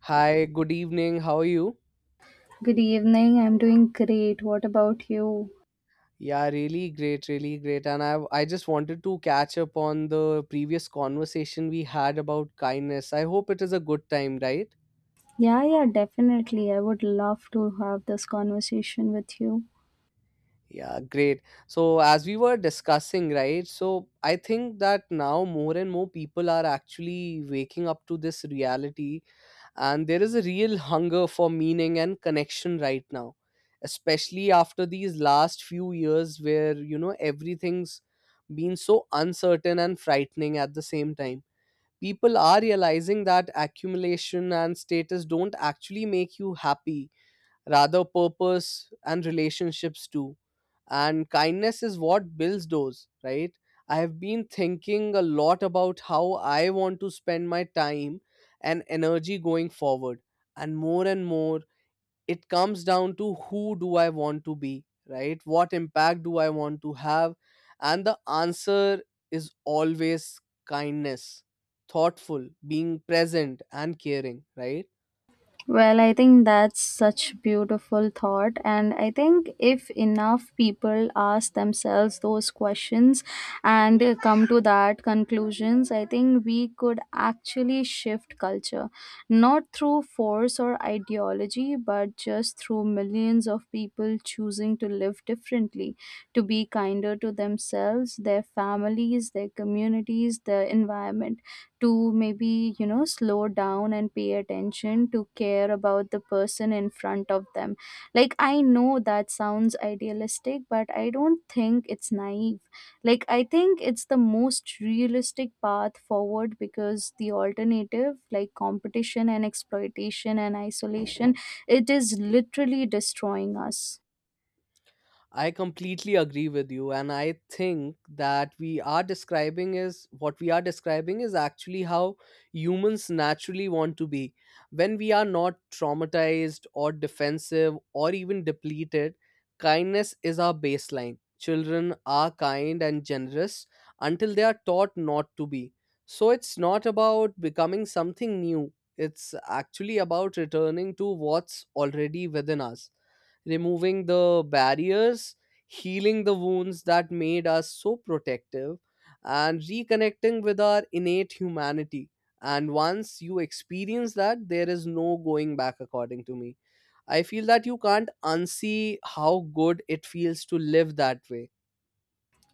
Hi, good evening. How are you? Good evening. I'm doing great. What about you? Yeah, really great, really great. And I just wanted to catch up on the previous conversation we had about kindness. I hope it is a good time, right? Yeah, yeah, definitely. I would love to have this conversation with you. Yeah, great. So as we were discussing, right? So I think that now more and more people are actually waking up to this reality, and there is a real hunger for meaning and connection right now, especially after these last few years where everything's been so uncertain and frightening at the same time. People are realizing that accumulation and status don't actually make you happy, rather purpose and relationships too. And kindness is what builds those, right? I have been thinking a lot about how I want to spend my time and energy going forward. And more, it comes down to who do I want to be, right? What impact do I want to have? And the answer is always kindness, thoughtful, being present, and caring, right? Well, I think that's such beautiful thought, and I think if enough people ask themselves those questions and come to that conclusions, I think we could actually shift culture, not through force or ideology but just through millions of people choosing to live differently, to be kinder to themselves, their families, their communities, their environment, to maybe slow down and pay attention, to care about the person in front of them. Like, I know that sounds idealistic, but I don't think it's naive. Like, I think it's the most realistic path forward, because the alternative, like competition and exploitation and isolation, it is literally destroying us. I completely agree with you, and I think that we are describing is what we are describing is actually how humans naturally want to be. When we are not traumatized or defensive or even depleted, kindness is our baseline. Children are kind and generous until they are taught not to be. So it's not about becoming something new, it's actually about returning to what's already within us, removing the barriers, healing the wounds that made us so protective, and reconnecting with our innate humanity. And once you experience that, there is no going back, according to me. I feel that you can't unsee how good it feels to live that way.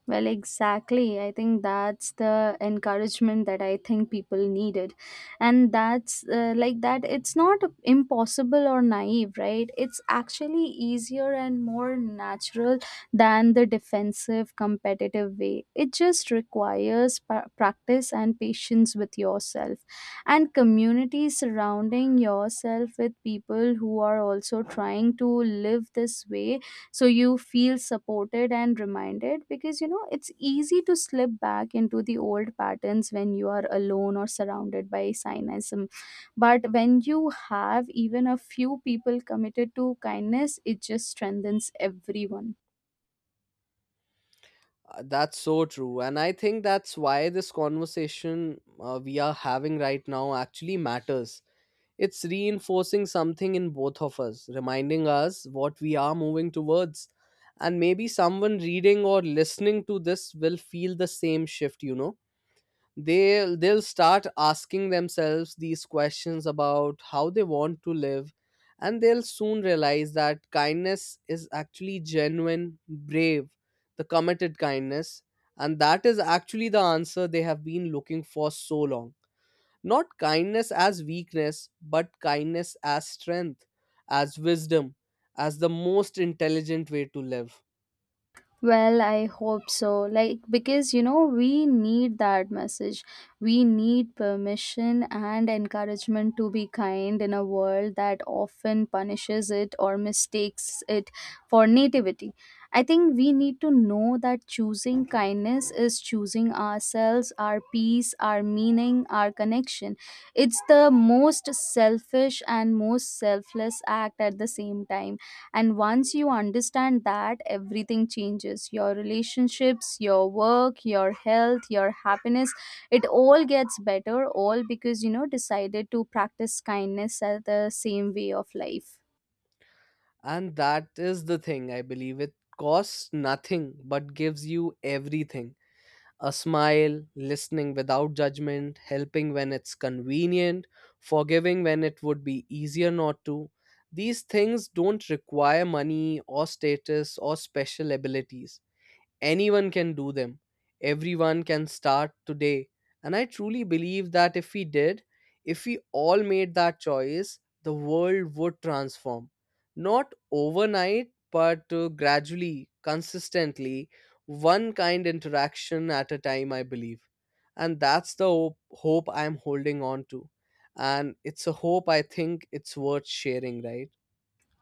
Well, exactly. I think that's the encouragement that I think people needed. And that's like that, it's not impossible or naive, right? It's actually easier and more natural than the defensive, competitive way. It just requires practice and patience with yourself and community, surrounding yourself with people who are also trying to live this way, so you feel supported and reminded, because it's easy to slip back into the old patterns when you are alone or surrounded by cynicism. But when you have even a few people committed to kindness, it just strengthens everyone. That's so true. And I think that's why this conversation we are having right now actually matters. It's reinforcing something in both of us, reminding us what we are moving towards. And maybe someone reading or listening to this will feel the same shift. They'll start asking themselves these questions about how they want to live, and they'll soon realize that kindness is actually genuine, brave, the committed kindness, and that is actually the answer they have been looking for so long. Not kindness as weakness, but kindness as strength, as wisdom, as the most intelligent way to live. Well, I hope so. Like, because we need that message. We need permission and encouragement to be kind in a world that often punishes it or mistakes it for nativity. I think we need to know that choosing kindness is choosing ourselves, our peace, our meaning, our connection. It's the most selfish and most selfless act at the same time, and once you understand that, everything changes: your relationships, your work, your health, your happiness. It all gets better, all because decided to practice kindness as the same way of life. And that is the thing, I believe. It costs nothing but gives you everything: a smile, listening without judgment, helping when it's convenient, forgiving when it would be easier not to. These things don't require money or status or special abilities. Anyone can do them. Everyone can start today. And I truly believe that if we did, if we all made that choice, the world would transform. Not overnight, but gradually, consistently, one kind interaction at a time, I believe. And that's the hope I'm holding on to. And it's a hope I think it's worth sharing, right?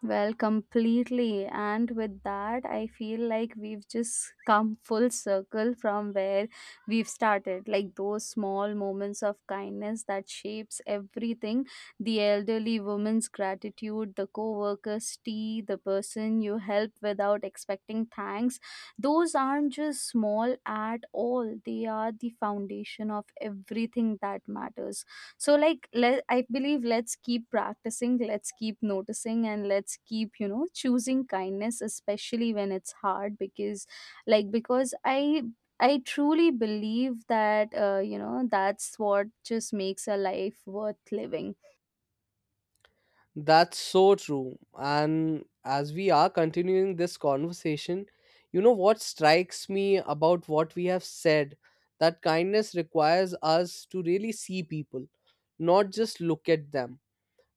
Well, completely. And with that, I feel like we've just come full circle from where we've started. Like those small moments of kindness that shapes everything. The elderly woman's gratitude, the co-worker's tea, the person you help without expecting thanks. Those aren't just small at all. They are the foundation of everything that matters. So, like, let I believe, let's keep practicing, let's keep noticing, and let's keep choosing kindness, especially when it's hard, because like because i I truly believe that that's what just makes a life worth living. That's so true. And as we are continuing this conversation, you know what strikes me about what we have said, that kindness requires us to really see people, not just look at them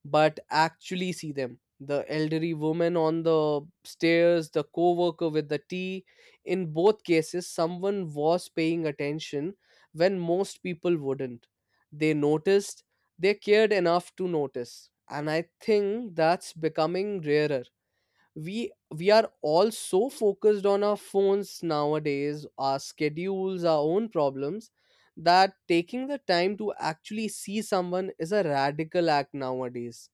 but actually see them, the elderly woman on the stairs, the co-worker with the tea. In both cases someone was paying attention when most people wouldn't. They noticed, they cared enough to notice, and I think that's becoming rarer. We are all so focused on our phones nowadays, our schedules, our own problems, that taking the time to actually see someone is a radical act nowadays.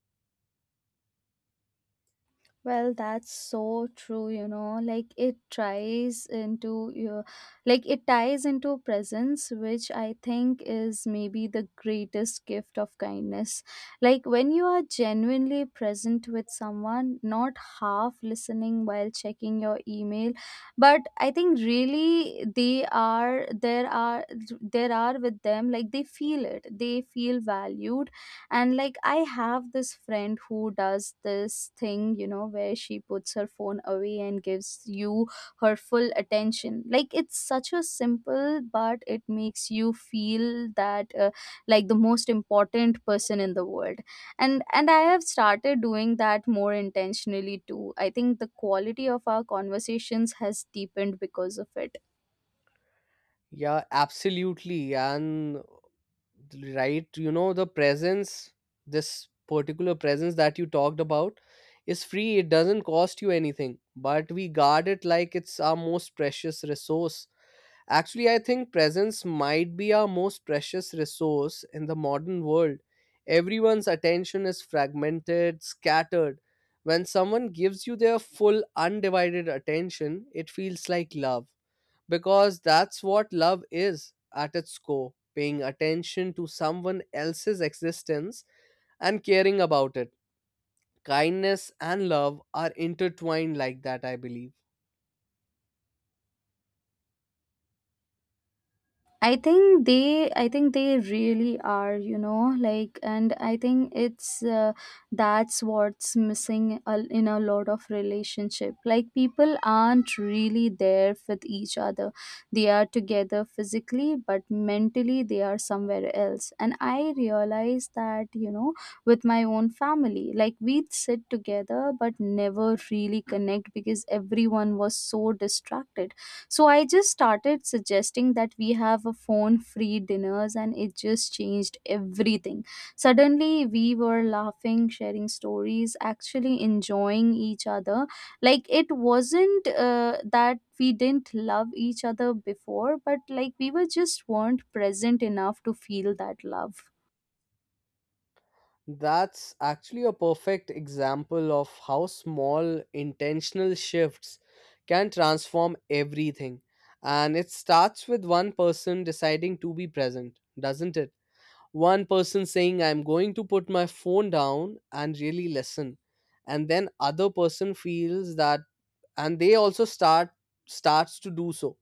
Well, that's so true, you know, like it tries into your, like it ties into presence, which I think is maybe the greatest gift of kindness. Like when you are genuinely present with someone, not half listening while checking your email, but I think really they are, there are, there are with them, like they feel it, they feel valued. And like I have this friend who does this thing, where she puts her phone away and gives you her full attention. Like it's such a simple, but it makes you feel that like the most important person in the world. And I have started doing that more intentionally too. I think the quality of our conversations has deepened because of it. Yeah, absolutely. And right, the presence, this particular presence that you talked about, is free. It doesn't cost you anything, but we guard it like it's our most precious resource. Actually, I think presence might be our most precious resource in the modern world. Everyone's attention is fragmented, scattered. When someone gives you their full, undivided attention, it feels like love, because that's what love is at its core: paying attention to someone else's existence and caring about it. Kindness and love are intertwined like that, I believe. I think they really are, you know, like, and I think it's that's what's missing, in a lot of relationship. Like people aren't really there with each other. They are together physically, but mentally they are somewhere else. And I realize that, with my own family, like we'd sit together but never really connect because everyone was so distracted, so I just started suggesting that we have a phone free dinners, and it just changed everything. Suddenly we were laughing, sharing stories, actually enjoying each other. Like it wasn't that we didn't love each other before, but like we were just weren't present enough to feel that love. That's actually a perfect example of how small intentional shifts can transform everything. And it starts with one person deciding to be present, doesn't it? One person saying I'm going to put my phone down and really listen, and then other person feels that, and they also start starts to do so.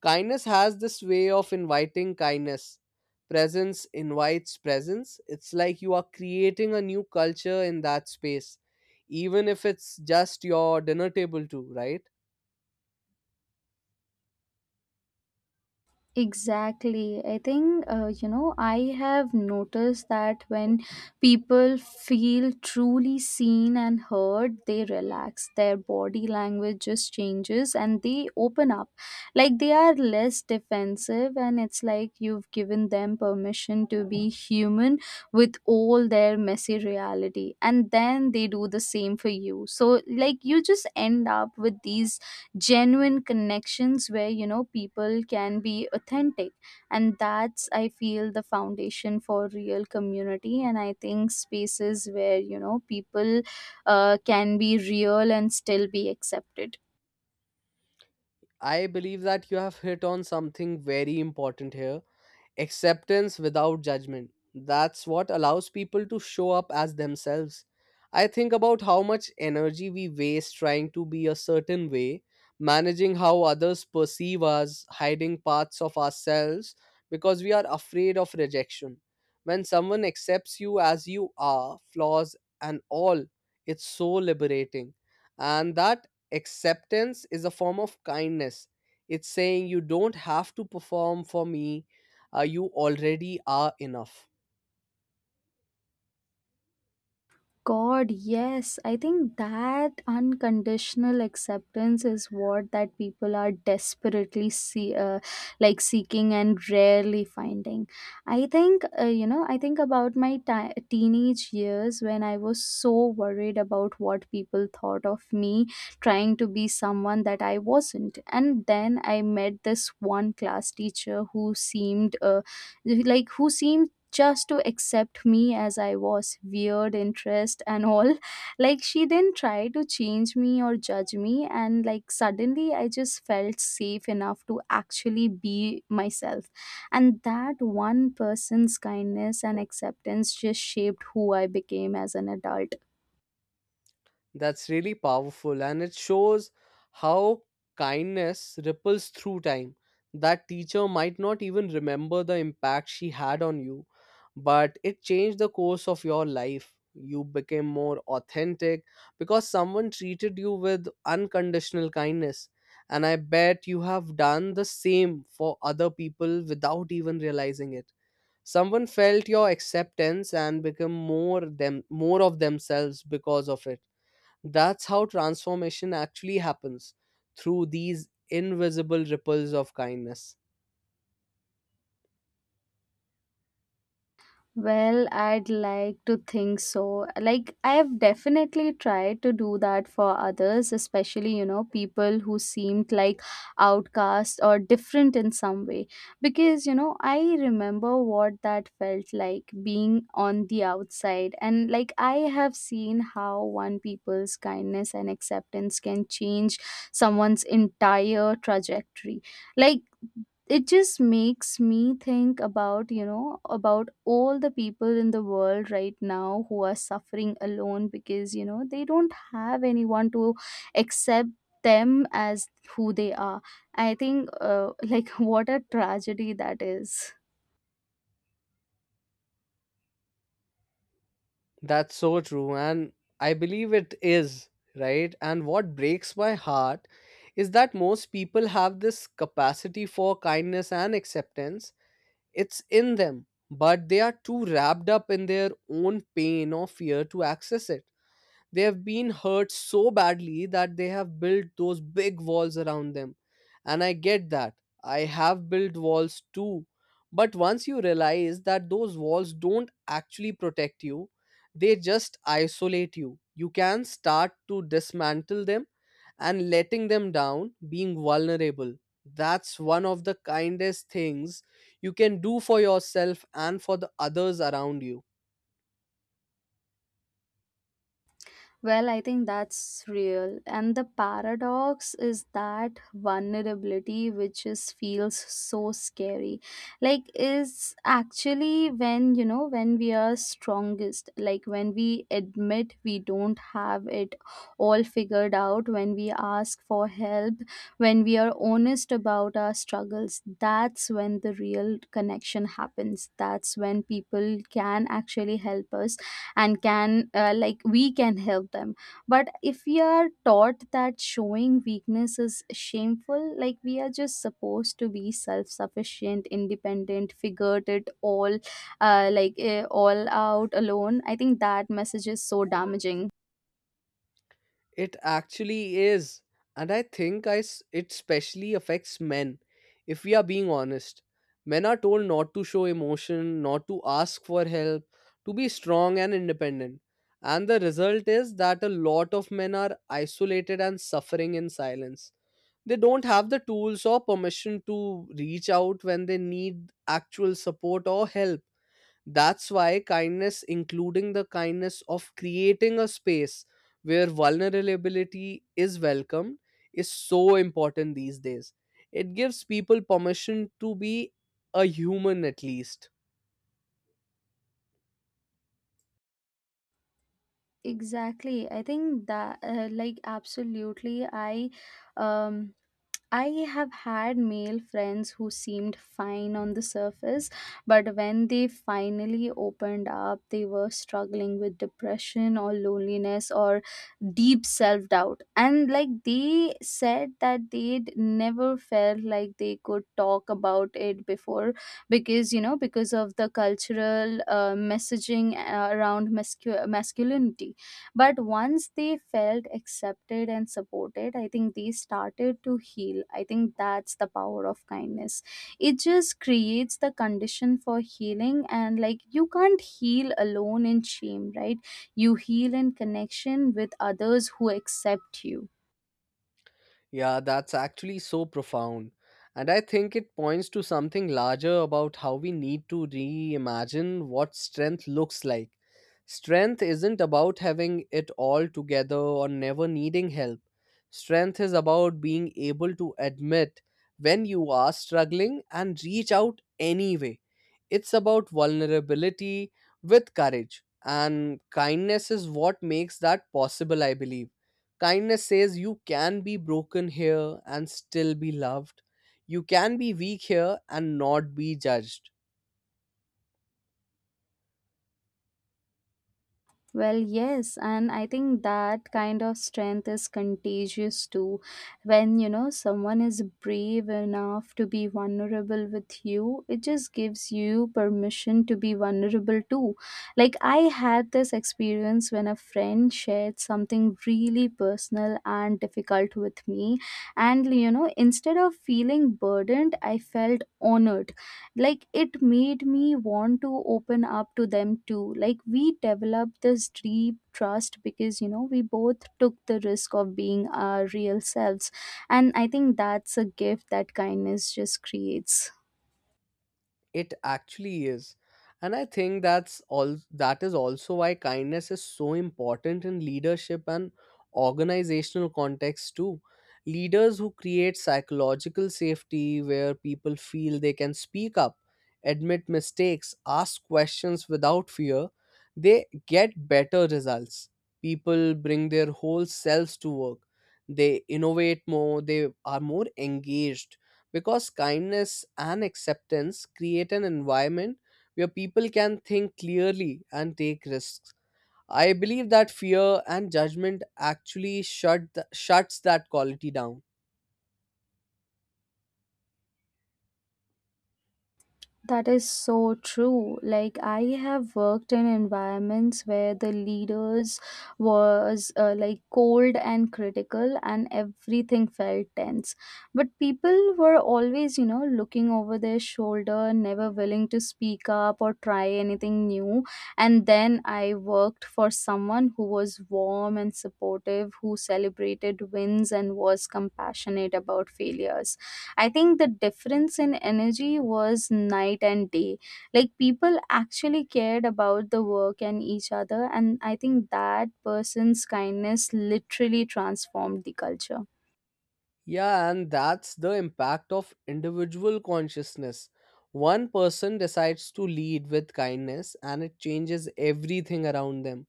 Kindness has this way of inviting kindness, presence invites presence. It's like you are creating a new culture in that space, even if it's just your dinner table too, right? Exactly. I think, I have noticed that when people feel truly seen and heard, they relax. Their body language just changes and they open up. Like they are less defensive, and it's like you've given them permission to be human with all their messy reality. And then they do the same for you. So, like, you just end up with these genuine connections where people can be authentic, and that's, I feel, the foundation for real community. And I think spaces where people can be real and still be accepted. I believe that you have hit on something very important here. Acceptance without judgment. That's what allows people to show up as themselves. I think about how much energy we waste trying to be a certain way, managing how others perceive us, hiding parts of ourselves because we are afraid of rejection. When someone accepts you as you are, flaws and all, it's so liberating. And that acceptance is a form of kindness. It's saying you don't have to perform for me, you already are enough. God, yes. I think that unconditional acceptance is what that people are desperately seeking and rarely finding. I think, I think about my ti teenage years, when I was so worried about what people thought of me, trying to be someone that I wasn't. And then I met this one class teacher who seemed, like, who seemed just to accept me as I was, weird interest and all. Like she didn't try to change me or judge me, and like suddenly I just felt safe enough to actually be myself. And that one person's kindness and acceptance just shaped who I became as an adult. That's really powerful, and it shows how kindness ripples through time. That teacher might not even remember the impact she had on you, but it changed the course of your life. You became more authentic because someone treated you with unconditional kindness. And I bet you have done the same for other people without even realizing it. Someone felt your acceptance and become more them, more of themselves because of it. That's how transformation actually happens, through these invisible ripples of kindness. Well, I'd like to think so. Like, I have definitely tried to do that for others, especially, you know, people who seemed like outcasts or different in some way. Because, you know, I remember what that felt like being on the outside. And, like, I have seen how one people's kindness and acceptance can change someone's entire trajectory. Like, it just makes me think about, about all the people in the world right now who are suffering alone because they don't have anyone to accept them as who they are. I think like what a tragedy that is. That's so true, and I believe it is, right? And what breaks my heart is that most people have this capacity for kindness and acceptance, it's in them, but they are too wrapped up in their own pain or fear to access it. They have been hurt so badly that they have built those big walls around them. And I get that. I have built walls too. But once you realize that those walls don't actually protect you, they just isolate you. You can start to dismantle them and letting them down, being vulnerable. That's one of the kindest things you can do for yourself and for the others around you. Well, I think that's real. And the paradox is that vulnerability, which is feels so scary, like is actually when, when we are strongest, like when we admit we don't have it all figured out, when we ask for help, when we are honest about our struggles, that's when the real connection happens. That's when people can actually help us, and can we can help them. But if we are taught that showing weakness is shameful, like we are just supposed to be self-sufficient, independent, figured it all out alone, I think that message is so damaging. It actually is. And I think it specially affects men, if we are being honest. Men are told not to show emotion, not to ask for help, to be strong and independent. And the result is that a lot of men are isolated and suffering in silence. They don't have the tools or permission to reach out when they need actual support or help. That's why kindness, including the kindness of creating a space where vulnerability is welcomed, is so important these days. It gives people permission to be a human at least. Exactly. I think that absolutely, um I have had male friends who seemed fine on the surface, but when they finally opened up, they were struggling with depression or loneliness or deep self doubt. And like they said that they'd never felt like they could talk about it before, because of the cultural messaging around masculinity. But once they felt accepted and supported, I think they started to heal. I think that's the power of kindness. It just creates the condition for healing, and like you can't heal alone in shame, right? You heal in connection with others who accept you. Yeah, that's actually so profound. And I think it points to something larger about how we need to reimagine what strength looks like. Strength isn't about having it all together or never needing help. Strength is about being able to admit when you are struggling and reach out anyway. It's about vulnerability with courage, and kindness is what makes that possible, I believe. Kindness says you can be broken here and still be loved. You can be weak here and not be judged. Well, yes, and I think that kind of strength is contagious too. When you know someone is brave enough to be vulnerable with you, it just gives you permission to be vulnerable too. Like, I had this experience when a friend shared something really personal and difficult with me, and, instead of feeling burdened, I felt honored. Like it made me want to open up to them too. Like we developed this deep trust because we both took the risk of being our real selves, and I think that's a gift that kindness just creates. It actually is. And I think that's all that is also why kindness is so important in leadership and organizational context too. Leaders who create psychological safety, where people feel they can speak up, admit mistakes, ask questions without fear, they get better results. People bring their whole selves to work, they innovate more, they are more engaged, because kindness and acceptance create an environment where people can think clearly and take risks. I believe that fear and judgment actually shuts that quality down. That is so true. Like I have worked in environments where the leaders was cold and critical, and everything felt tense. But people were always, looking over their shoulder, never willing to speak up or try anything new. And then I worked for someone who was warm and supportive, who celebrated wins and was compassionate about failures. I think the difference in energy was night and day. Like people actually cared about the work and each other, and I think that person's kindness literally transformed the culture. Yeah, and that's the impact of individual consciousness. One person decides to lead with kindness and it changes everything around them.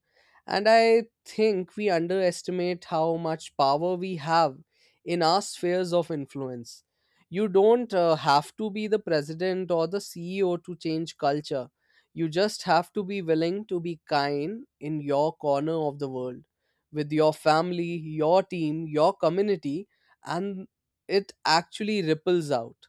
And I think we underestimate how much power we have in our spheres of influence. You don't have to be the president or the CEO to change culture. You just have to be willing to be kind in your corner of the world, with your family, your team, your community, and it actually ripples out.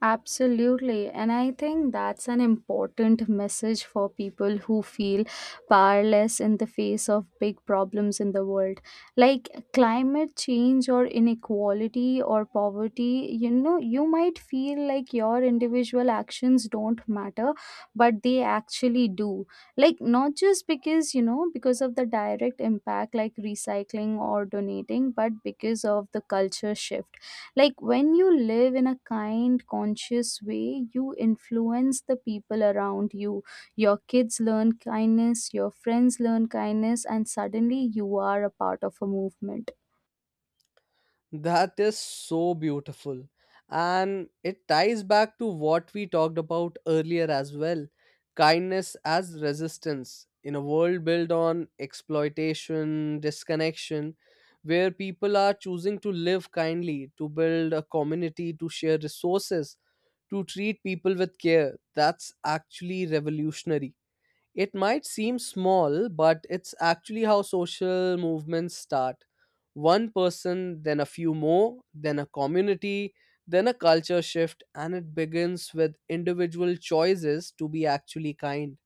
Absolutely. And I think that's an important message for people who feel powerless in the face of big problems in the world. Like climate change or inequality or poverty, you know, you might feel like your individual actions don't matter, but they actually do. Like, not just because of the direct impact, like recycling or donating, but because of the culture shift. Like when you live in a kind, conscious way, you influence the people around you. Your kids learn kindness, your friends learn kindness, and suddenly you are a part of a movement. That is so beautiful. And it ties back to what we talked about earlier as well, kindness as resistance in a world built on exploitation, disconnection, where people are choosing to live kindly, to build a community, to share resources, to treat people with care. That's actually revolutionary. It might seem small, but it's actually how social movements start. One person, then a few more, then a community, then a culture shift, and it begins with individual choices to be actually kind.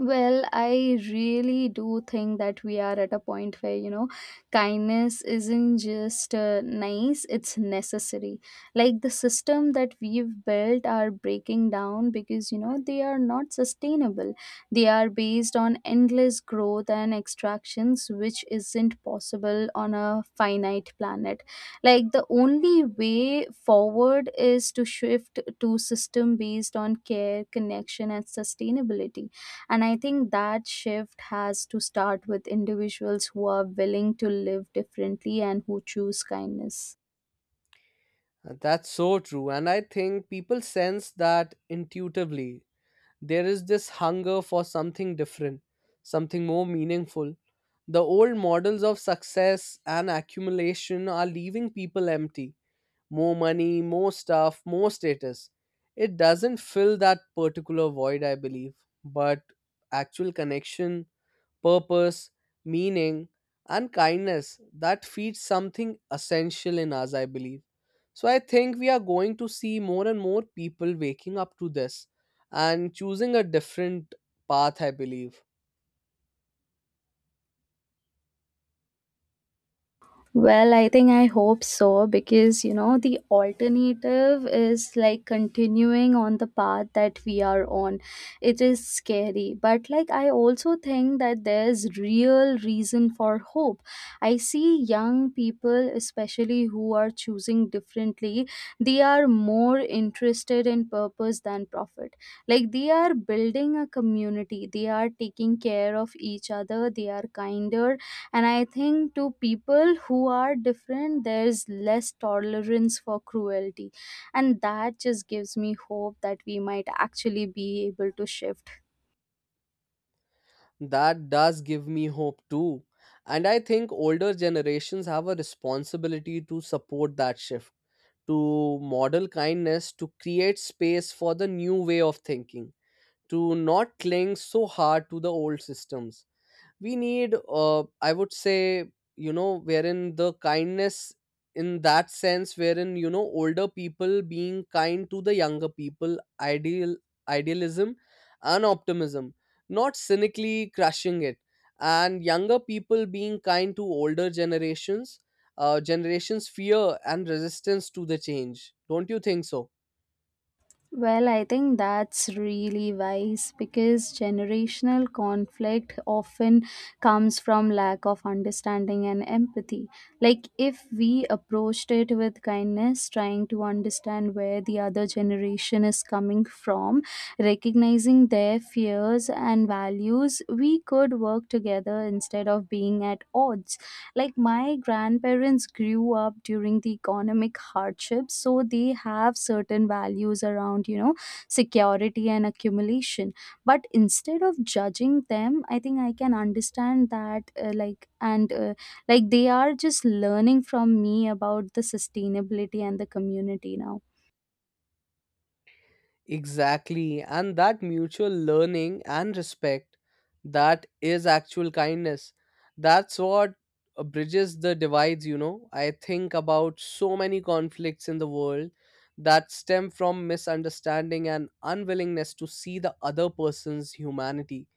Well, I really do think that we are at a point where, kindness isn't just nice, it's necessary. Like the system that we've built are breaking down because, you know, they are not sustainable. They are based on endless growth and extractions, which isn't possible on a finite planet. Like the only way forward is to shift to system based on care, connection, and sustainability, and I think that shift has to start with individuals who are willing to live differently and who choose kindness. And that's so true, and I think people sense that intuitively. There is this hunger for something different, something more meaningful. The old models of success and accumulation are leaving people empty, more money, more stuff, more status. It doesn't fill that particular void, I believe, but actual connection, purpose, meaning, and kindness, that feeds something essential in us, I believe. So I think we are going to see more and more people waking up to this and choosing a different path, I believe. Well, I think I hope so, because you know the alternative is like continuing on the path that we are on. It is scary, but like I also think that there's real reason for hope. I see young people, especially, who are choosing differently. They are more interested in purpose than profit. Like they are building a community, they are taking care of each other, they are kinder, and I think to people who are different there's less tolerance for cruelty, and that just gives me hope that we might actually be able to shift. That does give me hope too. And I think older generations have a responsibility to support that shift, to model kindness, to create space for the new way of thinking, to not cling so hard to the old systems. We need, uh, I would say, wherein the kindness, in that sense, wherein older people being kind to the younger people, idealism and optimism, not cynically crushing it, and younger people being kind to older generations, generations' fear and resistance to the change, don't you think so? Well, I think that's really wise, because generational conflict often comes from lack of understanding and empathy. Like, if we approached it with kindness, trying to understand where the other generation is coming from, recognizing their fears and values, we could work together instead of being at odds. Like my grandparents grew up during the economic hardships, so they have certain values around, you know, security and accumulation. But instead of judging them, I think I can understand that, like, and like, they are just learning from me about the sustainability and the community now. Exactly. And that mutual learning and respect, that is actual kindness. That's what bridges the divides. I think about so many conflicts in the world that stem from misunderstanding and unwillingness to see the other person's humanity.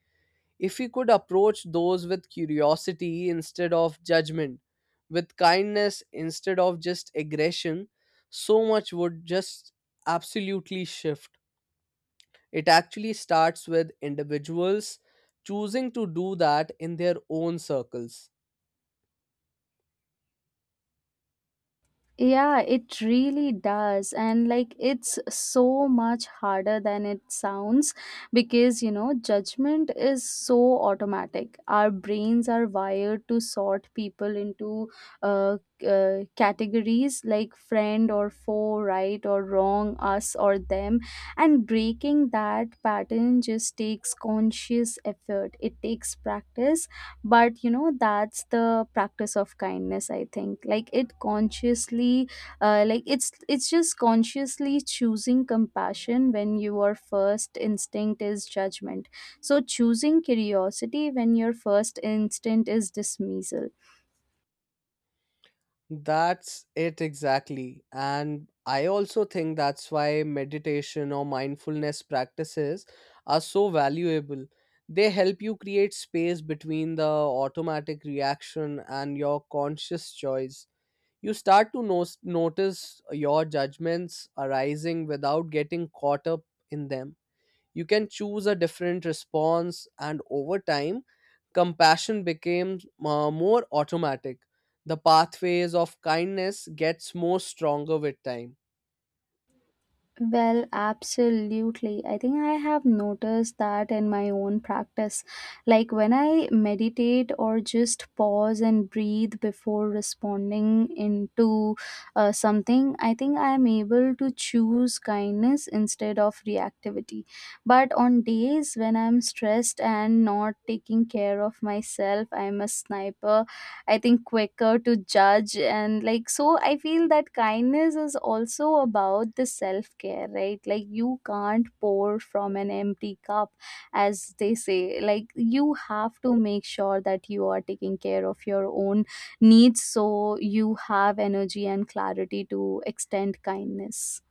If we could approach those with curiosity instead of judgment, with kindness instead of just aggression, so much would just absolutely shift. It actually starts with individuals choosing to do that in their own circles. Yeah, it really does. And like it's so much harder than it sounds because, you know, judgment is so automatic. Our brains are wired to sort people into uh, categories like friend or foe, right or wrong, us or them. And breaking that pattern just takes conscious effort, it takes practice, but you know that's the practice of kindness, I think. Like it consciously, like, it's just consciously choosing compassion when your first instinct is judgment, so choosing curiosity when your first instinct is dismissal. That's it exactly. And I also think that's why meditation or mindfulness practices are so valuable. They help you create space between the automatic reaction and your conscious choice. You start to notice your judgments arising without getting caught up in them. You can choose a different response, and over time, compassion becomes more automatic. The pathways of kindness gets more stronger with time. Well, absolutely. I think I have noticed that in my own practice. Like when I meditate or just pause and breathe before responding into something, I think I am able to choose kindness instead of reactivity. But on days when I'm stressed and not taking care of myself, I'm a sniper, I think, quicker to judge. And like, so I feel that kindness is also about the self care, right? Like, you can't pour from an empty cup, as they say. Like, you have to make sure that you are taking care of your own needs, so you have energy and clarity to extend kindness.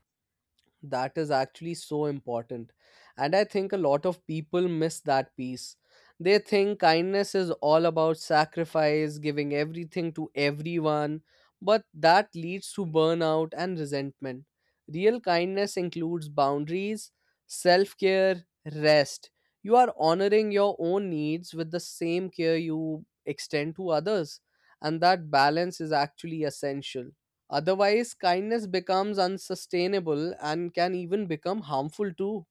That is actually so important, and I think a lot of people miss that piece. They think kindness is all about sacrifice, giving everything to everyone, but that leads to burnout and resentment. Real kindness includes boundaries, self care, rest. You are honoring your own needs with the same care you extend to others, and that balance is actually essential. Otherwise, kindness becomes unsustainable and can even become harmful too.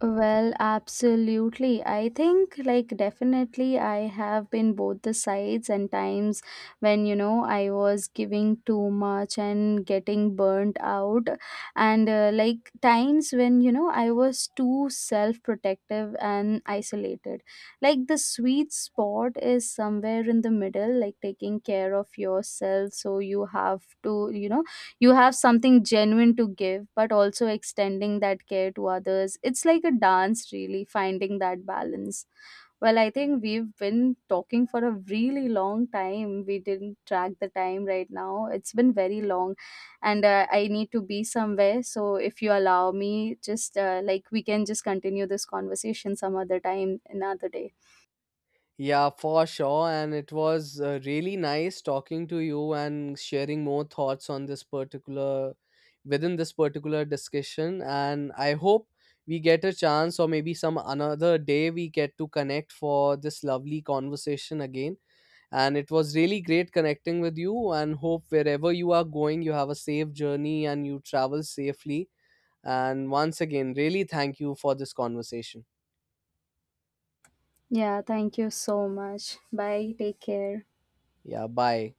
Well, absolutely. I think, like, definitely, I have been both the sides, and times when, you know, I was giving too much and getting burnt out. And, like, times when, you know, I was too self protective and isolated. Like, the sweet spot is somewhere in the middle, like, taking care of yourself. So you have to, you know, you have something genuine to give, but also extending that care to others. It's like a dance, really, finding that balance. Well, I think we've been talking for a really long time. We didn't track the time. Right now it's been very long, and I need to be somewhere, so if you allow me, just like, we can just continue this conversation some other time, another day. Yeah, for sure. And it was really nice talking to you and sharing more thoughts on this particular, within this particular discussion. And I hope we get a chance, or maybe some another day, we get to connect for this lovely conversation again. And it was really great connecting with you. And hope wherever you are going, you have a safe journey and you travel safely. And once again, really thank you for this conversation. Yeah, thank you so much. Bye, take care. Yeah, bye.